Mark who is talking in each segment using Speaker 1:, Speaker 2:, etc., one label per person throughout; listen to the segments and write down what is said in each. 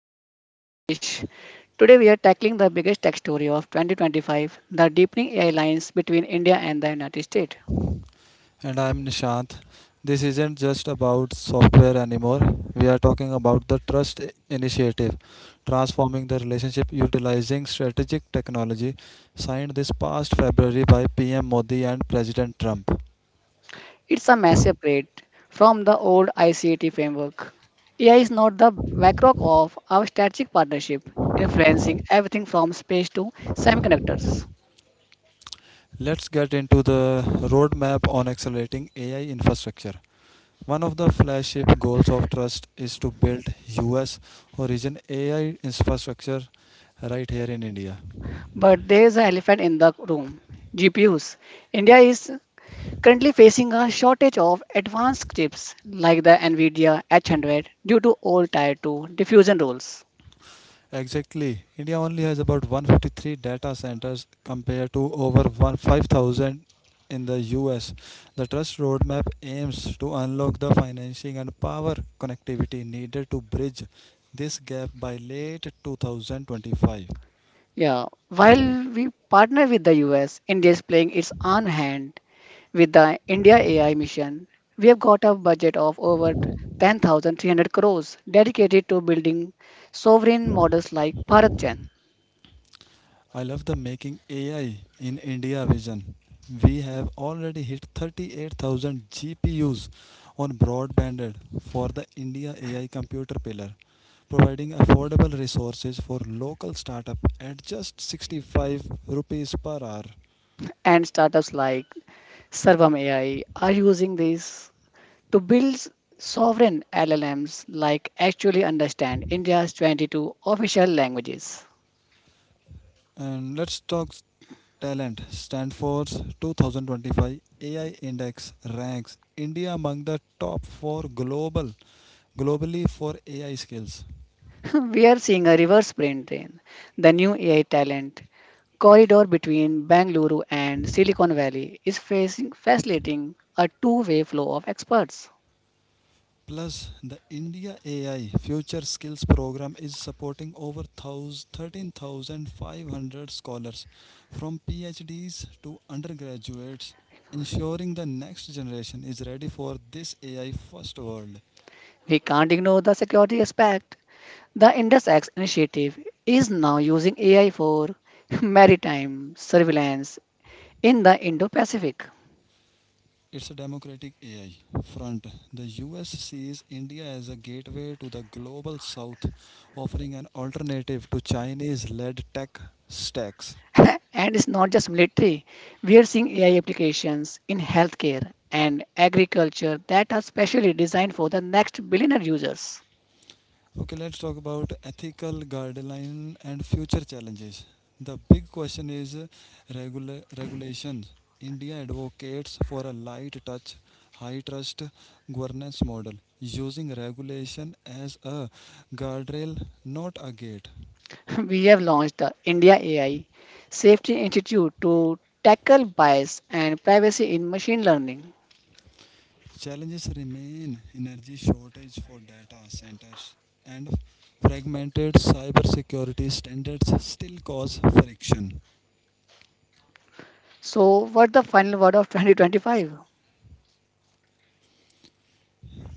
Speaker 1: Bridge. I am Rupesh. Today, we are tackling the biggest tech story of 2025, the deepening AI lines between India and the United States.
Speaker 2: And I'm Nishant. This isn't just about software anymore. We are talking about the Trust Initiative, transforming the relationship utilizing strategic technology, signed this past February by PM Modi and President Trump.
Speaker 1: It's a massive upgrade from the old ICT framework. AI is not the backrock of our strategic partnership, influencing everything from space to semiconductors.
Speaker 2: Let's get into the roadmap on accelerating AI infrastructure. One of the flagship goals of Trust is to build US origin AI infrastructure right here in India.
Speaker 1: But there is an elephant in the room: GPUs. India is currently facing a shortage of advanced chips like the NVIDIA H100 due to old Tier 2 diffusion rules.
Speaker 2: Exactly. India only has about 153 data centers compared to over 5,000 in the US. The Trust Roadmap aims to unlock the financing and power connectivity needed to bridge this gap by late 2025.
Speaker 1: Yeah, while we partner with the US, India is playing its own hand with the India AI mission. We have got a budget of over 10,300 crores dedicated to building sovereign models like Bharat Gen,
Speaker 2: I love the making AI in India vision. We have already hit 38,000 GPUs on broadband for the India AI computer pillar, providing affordable resources for local startup at just 65 rupees per hour.
Speaker 1: and startups like Sarvam AI are using these to build sovereign LLMs like actually understand India's 22 official languages.
Speaker 2: And let's talk talent. Stanford's 2025 AI Index ranks India among the top 4 globally for AI skills.
Speaker 1: We are seeing a reverse brain drain. The new AI talent corridor between Bangalore and Silicon Valley is facilitating a two-way flow of experts.
Speaker 2: Plus, the India AI Future Skills Program is supporting over 13,500 scholars from PhDs to undergraduates, ensuring the next generation is ready for this AI first world.
Speaker 1: We can't ignore the security aspect. The IndusX initiative is now using AI for maritime surveillance in the Indo-Pacific.
Speaker 2: It's a democratic AI front. The US sees India as a gateway to the global south, offering an alternative to Chinese led tech stacks.
Speaker 1: And it's not just military. We are seeing AI applications in healthcare and agriculture that are specially designed for the next billionaire users.
Speaker 2: Okay, let's talk about ethical guidelines and future challenges. The big question is regulations. India advocates for a light touch, high trust governance model, using regulation as a guardrail, not a gate.
Speaker 1: We have launched the India AI Safety Institute to tackle bias and privacy in machine learning.
Speaker 2: Challenges remain energy shortage for data centers and fragmented cybersecurity standards still cause friction.
Speaker 1: So, what the final word of 2025?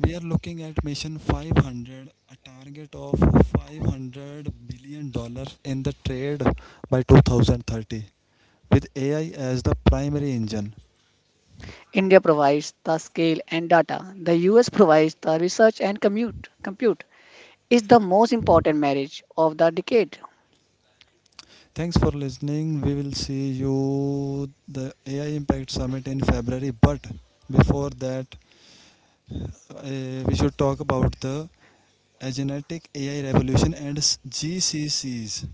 Speaker 2: We are looking at mission 500, a target of 500 billion dollars in the trade by 2030 with AI as the primary engine.
Speaker 1: India provides the scale and data. The US provides the research and compute. Compute is the most important marriage of the decade.
Speaker 2: Thanks for listening. We will see you the AI Impact Summit in February, but before that we should talk about the genetic AI revolution and GCCs.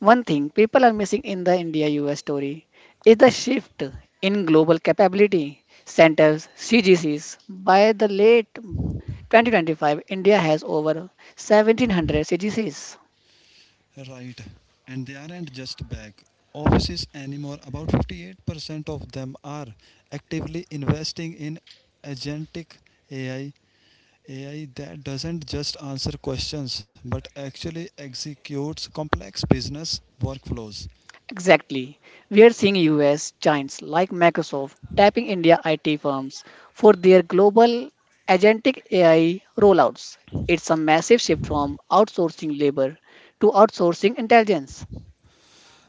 Speaker 1: One thing people are missing in the India US story is the shift in global capability centers, CGCs. By the late 2025, India has over 1700 CGCs.
Speaker 2: Right. And they aren't just back offices anymore. About 58% of them are actively investing in agentic AI, AI that doesn't just answer questions but actually executes complex business workflows.
Speaker 1: Exactly. We are seeing US giants like Microsoft tapping India IT firms for their global agentic AI rollouts. It's a massive shift from outsourcing labor to outsourcing intelligence.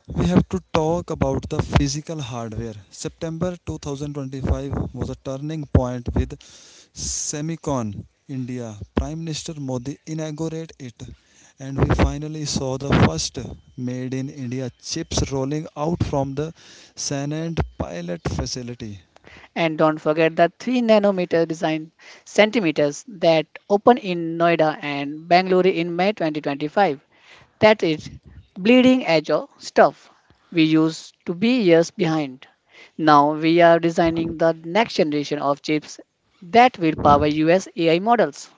Speaker 2: We have to talk about the physical hardware. September 2025 was a turning point with Semicon India. Prime Minister Modi inaugurated it, and we finally saw the first made in India chips rolling out from the Sanand pilot facility.
Speaker 1: And don't forget the 3 nanometer design centimeters that opened in Noida and Bangalore in May 2025. That is bleeding edge of stuff we used to be years behind. Now we are designing the next generation of chips that will power US AI models.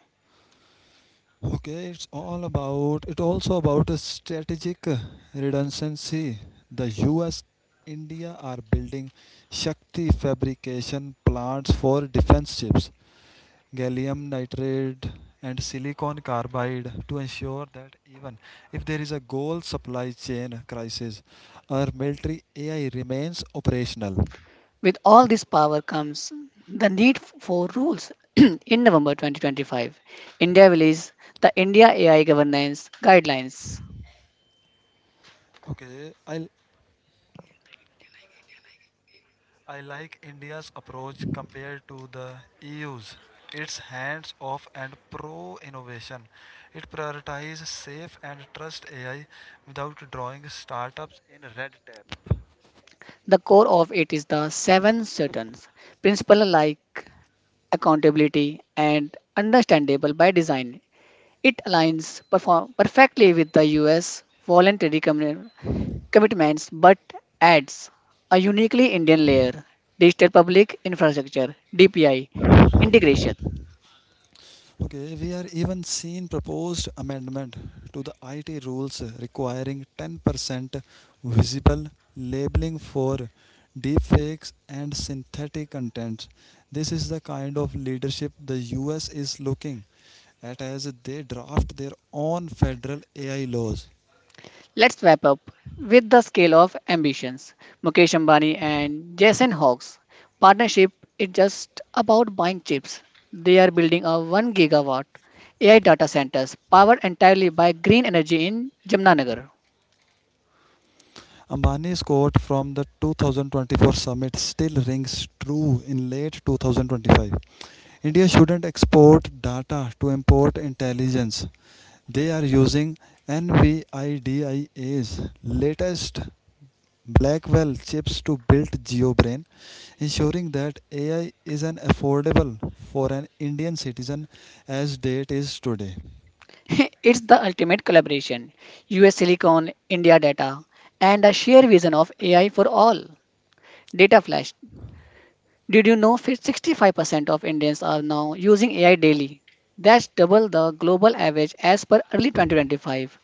Speaker 2: Okay, it's all about it also about a strategic redundancy. The US India are building Shakti fabrication plants for defense chips, gallium nitride and silicon carbide to ensure that even if there is a goal supply chain crisis, our military AI remains operational.
Speaker 1: With all this power comes the need for rules. In November 2025, India released the India AI Governance Guidelines.
Speaker 2: Okay, I like India's approach compared to the EU's. It's hands off and pro innovation. It prioritizes safe and trust AI without drawing startups in red tape.
Speaker 1: The core of it is the seven Saturns principle like accountability and understandable by design. It aligns perfectly with the US voluntary commitments, but adds a uniquely Indian layer, digital public infrastructure, DPI integration.
Speaker 2: Okay, we are even seeing proposed amendment to the IT rules requiring 10% visible labeling for deepfakes and synthetic content. This is the kind of leadership the US is looking at as they draft their own federal AI laws.
Speaker 1: Let's wrap up with the scale of ambitions. Mukesh Ambani and Jason Hawkes partnership is just about buying chips. They are building a 1 gigawatt AI data centers powered entirely by green energy in Jamnagar.
Speaker 2: Ambani's quote from the 2024 summit still rings true in late 2025. India shouldn't export data to import intelligence. They are using NVIDIA's latest Blackwell chips to build GeoBrain, ensuring that AI is an affordable for an Indian citizen as it is today.
Speaker 1: It's the ultimate collaboration. US Silicon, India Data, and a shared vision of AI for all. Data Flash. Did you know 65% of Indians are now using AI daily? That's double the global average as per early 2025.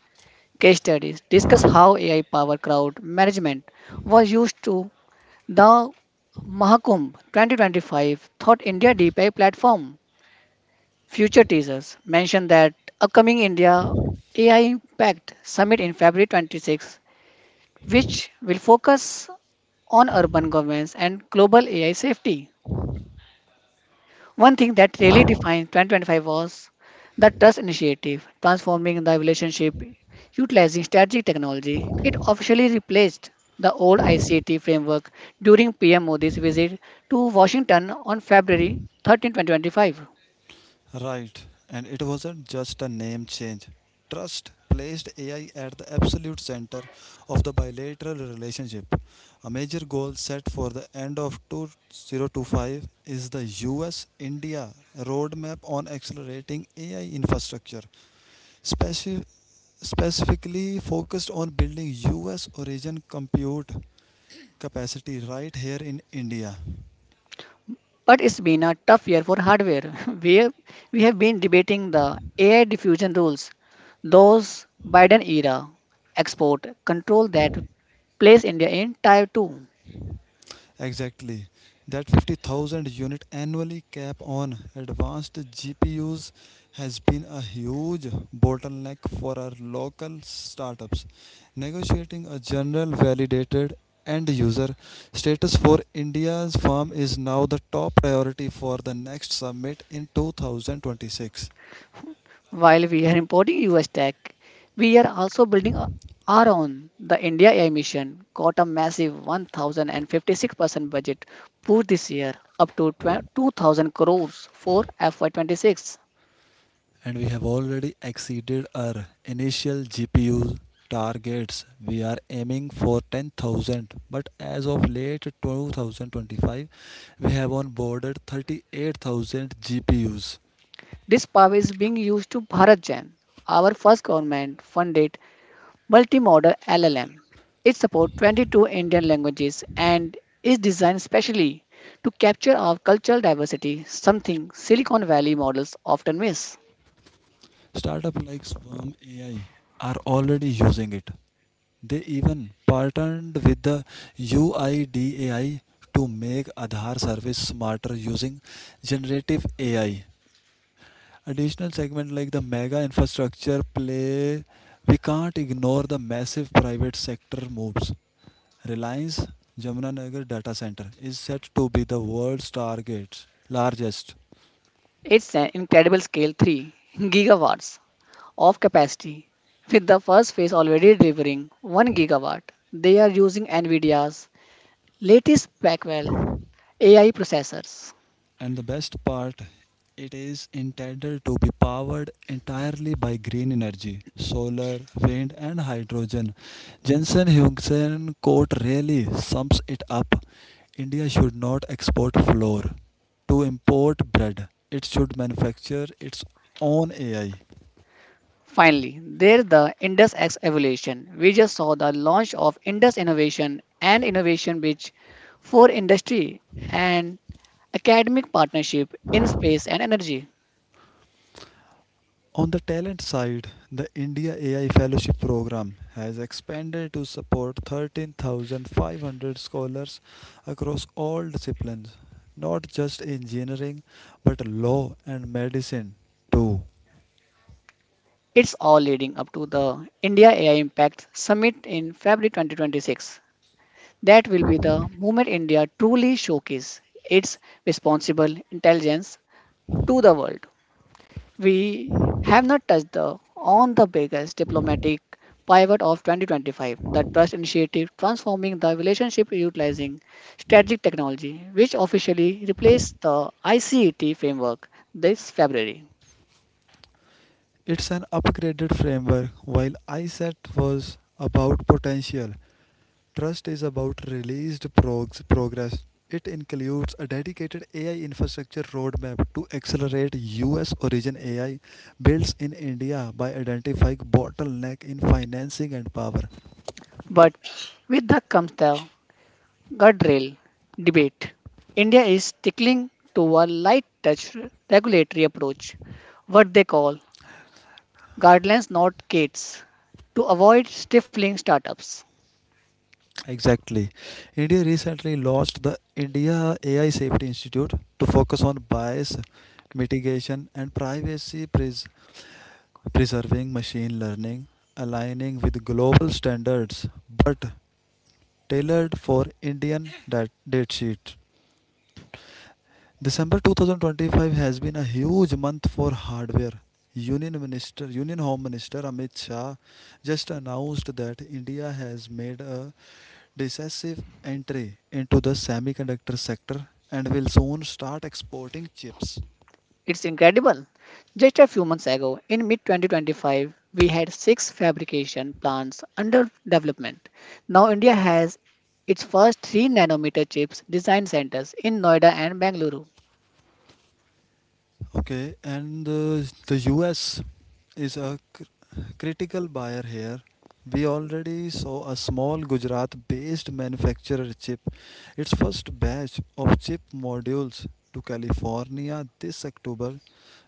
Speaker 1: Case studies discuss how AI power crowd management was used to the Mahakumbh 2025 Thought India Deep AI platform. Future teasers mention that upcoming India AI Impact Summit in February 26, which will focus on urban governance and global AI safety. One thing that really defined 2025 was the Trust Initiative, transforming the relationship utilizing strategic technology. It officially replaced the old ICT framework during PM Modi's visit to Washington on February 13, 2025.
Speaker 2: Right, and it wasn't just a name change. Trust placed AI at the absolute center of the bilateral relationship. A major goal set for the end of 2025 is the US India roadmap on accelerating AI infrastructure, speci- specifically focused on building US origin compute capacity right here in India.
Speaker 1: But it's been a tough year for hardware. we, have, we have been debating the AI diffusion rules, those Biden era export control that place India in Tier 2.
Speaker 2: Exactly. That 50,000 unit annually cap on advanced GPUs has been a huge bottleneck for our local startups. Negotiating a general validated end user status for India's firm is now the top priority for the next summit in 2026.
Speaker 1: While we are importing US tech, we are also building our own. The India AI mission got a massive 1,056% budget boost this year, up to 12 2,000 crores for FY26.
Speaker 2: And we have already exceeded our initial GPU targets. We are aiming for 10,000, but as of late 2025, we have onboarded 38,000 GPUs.
Speaker 1: This power is being used to Bharat Jan, our first government funded multimodal LLM. It supports 22 Indian languages and is designed specially to capture our cultural diversity, something Silicon Valley models often miss.
Speaker 2: Startups like Swarm AI are already using it. They even partnered with the UIDAI to make Aadhaar service smarter using generative AI. Additional segment like the mega infrastructure play, we can't ignore the massive private sector moves. Reliance Jamunanagar data center is set to be the world's targets largest.
Speaker 1: It's an incredible scale 3 gigawatts of capacity, with the first phase already delivering 1 gigawatt. They are using NVIDIA's latest Blackwell AI processors.
Speaker 2: And the best part, it is intended to be powered entirely by green energy, solar, wind, and hydrogen. Jensen Hungsen quote really sums it up. India should not export flour to import bread, it should manufacture its own AI.
Speaker 1: Finally, there's the Indus X evolution. We just saw the launch of Indus Innovation and Innovation Bridge for industry and academic partnership in space and energy.
Speaker 2: On the talent side, the India AI Fellowship Program has expanded to support 13,500 scholars across all disciplines, not just engineering, but law and medicine too.
Speaker 1: It's all leading up to the India AI Impact Summit in February 2026. That will be the moment India truly showcases its responsible intelligence to the world. We have not touched the, on the biggest diplomatic pivot of 2025, the Trust Initiative transforming the relationship utilizing strategic technology, which officially replaced the ICET framework this February.
Speaker 2: It's an upgraded framework while ISET was about potential. Trust is about released progress. It includes a dedicated AI infrastructure roadmap to accelerate US origin AI builds in India by identifying bottleneck in financing and power.
Speaker 1: But with that comes the guardrail debate. India is sticking to a light touch regulatory approach, what they call guidelines not gates, to avoid stifling startups.
Speaker 2: Exactly. India recently launched the India AI Safety Institute to focus on bias mitigation and privacy preserving machine learning aligning with global standards but tailored for Indian date sheet. December 2025 has been a huge month for hardware. Union Home Minister Amit Shah just announced that India has made a decisive entry into the semiconductor sector and will soon start exporting chips.
Speaker 1: It's incredible. Just a few months ago, in mid 2025, we had six fabrication plants under development. Now, India has its first 3 nanometer chips design centers in Noida and Bangalore.
Speaker 2: Okay, and the US is a critical buyer here. We already saw a small Gujarat based manufacturer chip its first batch of chip modules to California this October.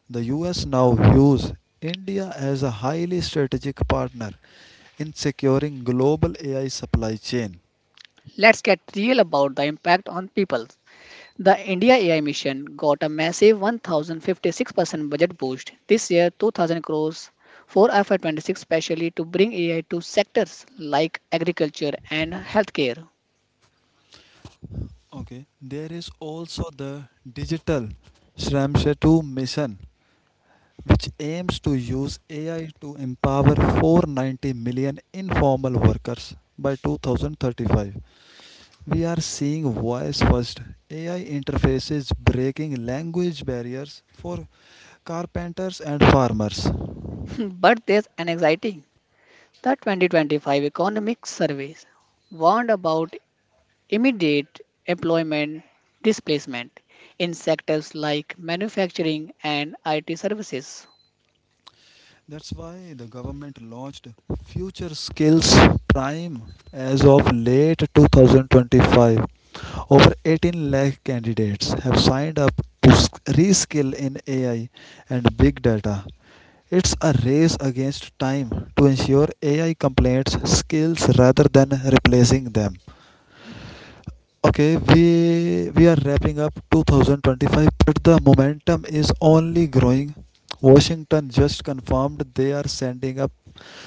Speaker 2: The US now views India as a highly strategic partner in securing global AI supply chain.
Speaker 1: Let's get real about the impact on people. The India AI mission got a massive 1,056% budget boost this year, 2,000 crores for FY26 specially to bring AI to sectors like agriculture and healthcare.
Speaker 2: Okay, there is also the digital Shramshetu mission which aims to use AI to empower 490 million informal workers by 2035. We are seeing voice first AI interfaces breaking language barriers for carpenters and farmers.
Speaker 1: But there's an anxiety. The 2025 economic surveys warned about immediate employment displacement in sectors like manufacturing and IT services.
Speaker 2: That's why the government launched Future Skills Prime as of late 2025. Over 18 lakh candidates have signed up to reskill in AI and big data. It's a race against time to ensure AI completes skills rather than replacing them. Okay, we are wrapping up 2025, but the momentum is only growing. Washington just confirmed they are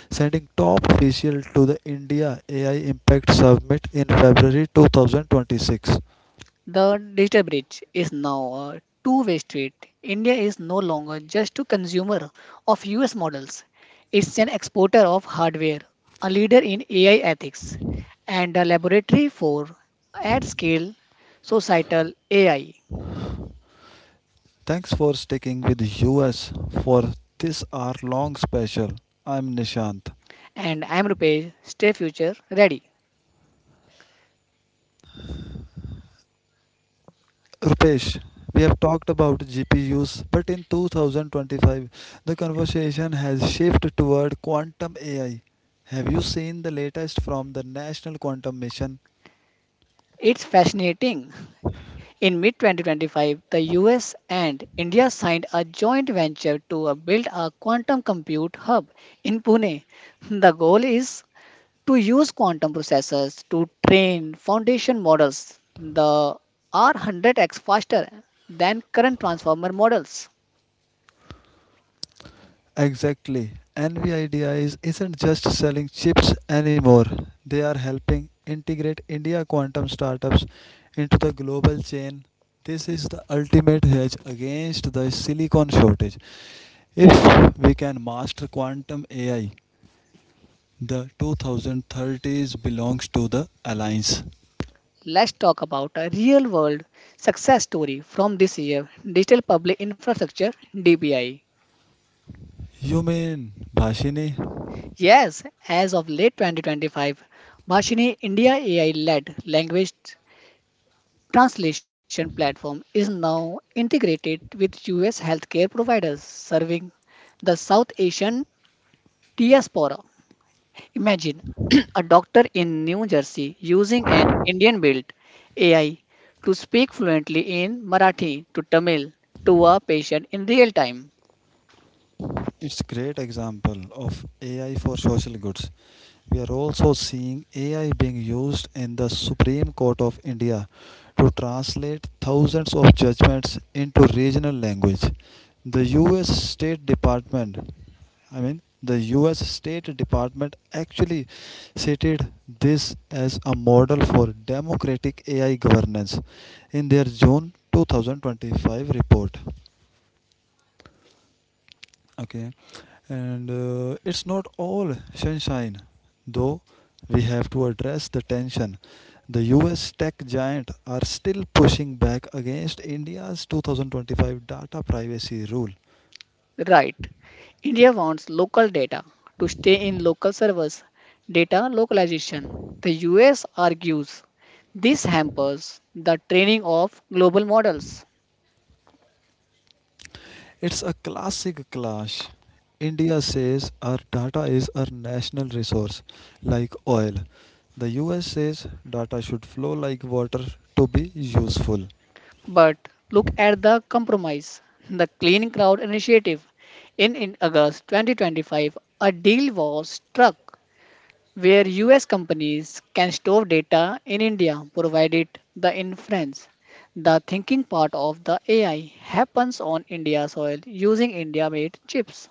Speaker 2: sending top official to the India AI Impact Summit in February 2026.
Speaker 1: The digital bridge is now a two-way street. India is no longer just a consumer of US models. It's an exporter of hardware, a leader in AI ethics, and a laboratory for at-scale societal AI.
Speaker 2: Thanks for sticking with US for this hour long special. I'm Nishant.
Speaker 1: And I'm Rupesh, stay future ready.
Speaker 2: Rupesh, we have talked about GPUs, but in 2025, the conversation has shifted toward quantum AI. Have you seen the latest from the National Quantum Mission?
Speaker 1: It's fascinating. In mid 2025, the US and India signed a joint venture to build a quantum compute hub in Pune. The goal is to use quantum processors to train foundation models the are 100x faster than current transformer models.
Speaker 2: Exactly. NVIDIA isn't just selling chips anymore, they are helping integrate India quantum startups into the global chain. This is the ultimate hedge against the silicon shortage. If we can master quantum AI, the 2030s belongs to the Alliance.
Speaker 1: Let's talk about a real world success story from this year. Digital Public Infrastructure, DPI.
Speaker 2: You mean Bhashini?
Speaker 1: Yes, as of late 2025, Bhashini India AI led language translation platform is now integrated with US healthcare providers serving the South Asian diaspora. Imagine a doctor in New Jersey using an Indian built AI to speak fluently in Marathi to Tamil to a patient in real time.
Speaker 2: It's a great example of AI for social goods. We are also seeing AI being used in the Supreme Court of India to translate thousands of judgments into regional language. The US State Department I mean, the US State Department actually cited this as a model for democratic AI governance in their June 2025 report. Okay, and it's not all sunshine, though we have to address the tension. The US tech giant are still pushing back against India's 2025 data privacy rule.
Speaker 1: Right. India wants local data to stay in local servers, data localization. The US argues this hampers the training of global models.
Speaker 2: It's a classic clash. India says our data is our national resource, like oil. The US says data should flow like water to be useful.
Speaker 1: But look at the compromise. The Clean Crowd Initiative. In August 2025, a deal was struck where US companies can store data in India provided the inference. The thinking part of the AI happens on India soil using India made chips.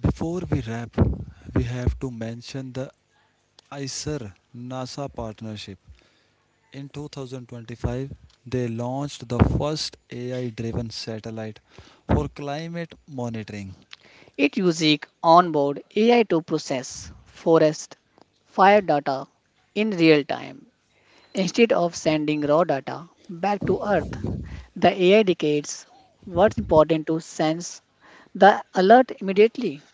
Speaker 2: Before we wrap, we have to mention the ICER NASA partnership. In 2025, they launched the first AI driven satellite for climate monitoring.
Speaker 1: It uses onboard AI to process forest fire data in real time instead of sending raw data back to Earth. The AI dictates what's important to sense the alert immediately.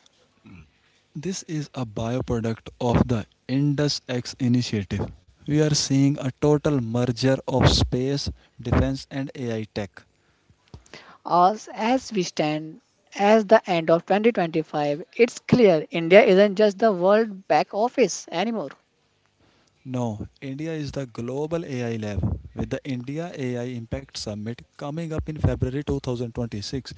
Speaker 2: This is a byproduct of the IndusX initiative. We are seeing a total merger of space, defense, and AI tech.
Speaker 1: As we stand as the end of 2025, it's clear India isn't just the world back office anymore.
Speaker 2: No, India is the global AI lab with the India AI Impact Summit coming up in February 2026.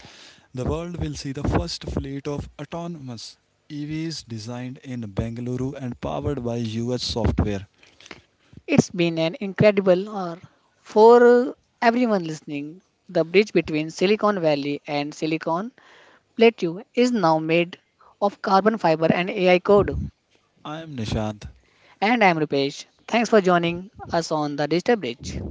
Speaker 2: The world will see the first fleet of autonomous EVs designed in Bengaluru and powered by US software.
Speaker 1: It's been an incredible hour for uh, everyone listening. The bridge between Silicon Valley and Silicon Plateau is now made of carbon fiber and AI code.
Speaker 2: I am Nishant.
Speaker 1: And I'm Rupesh. Thanks for joining us on the Digital Bridge.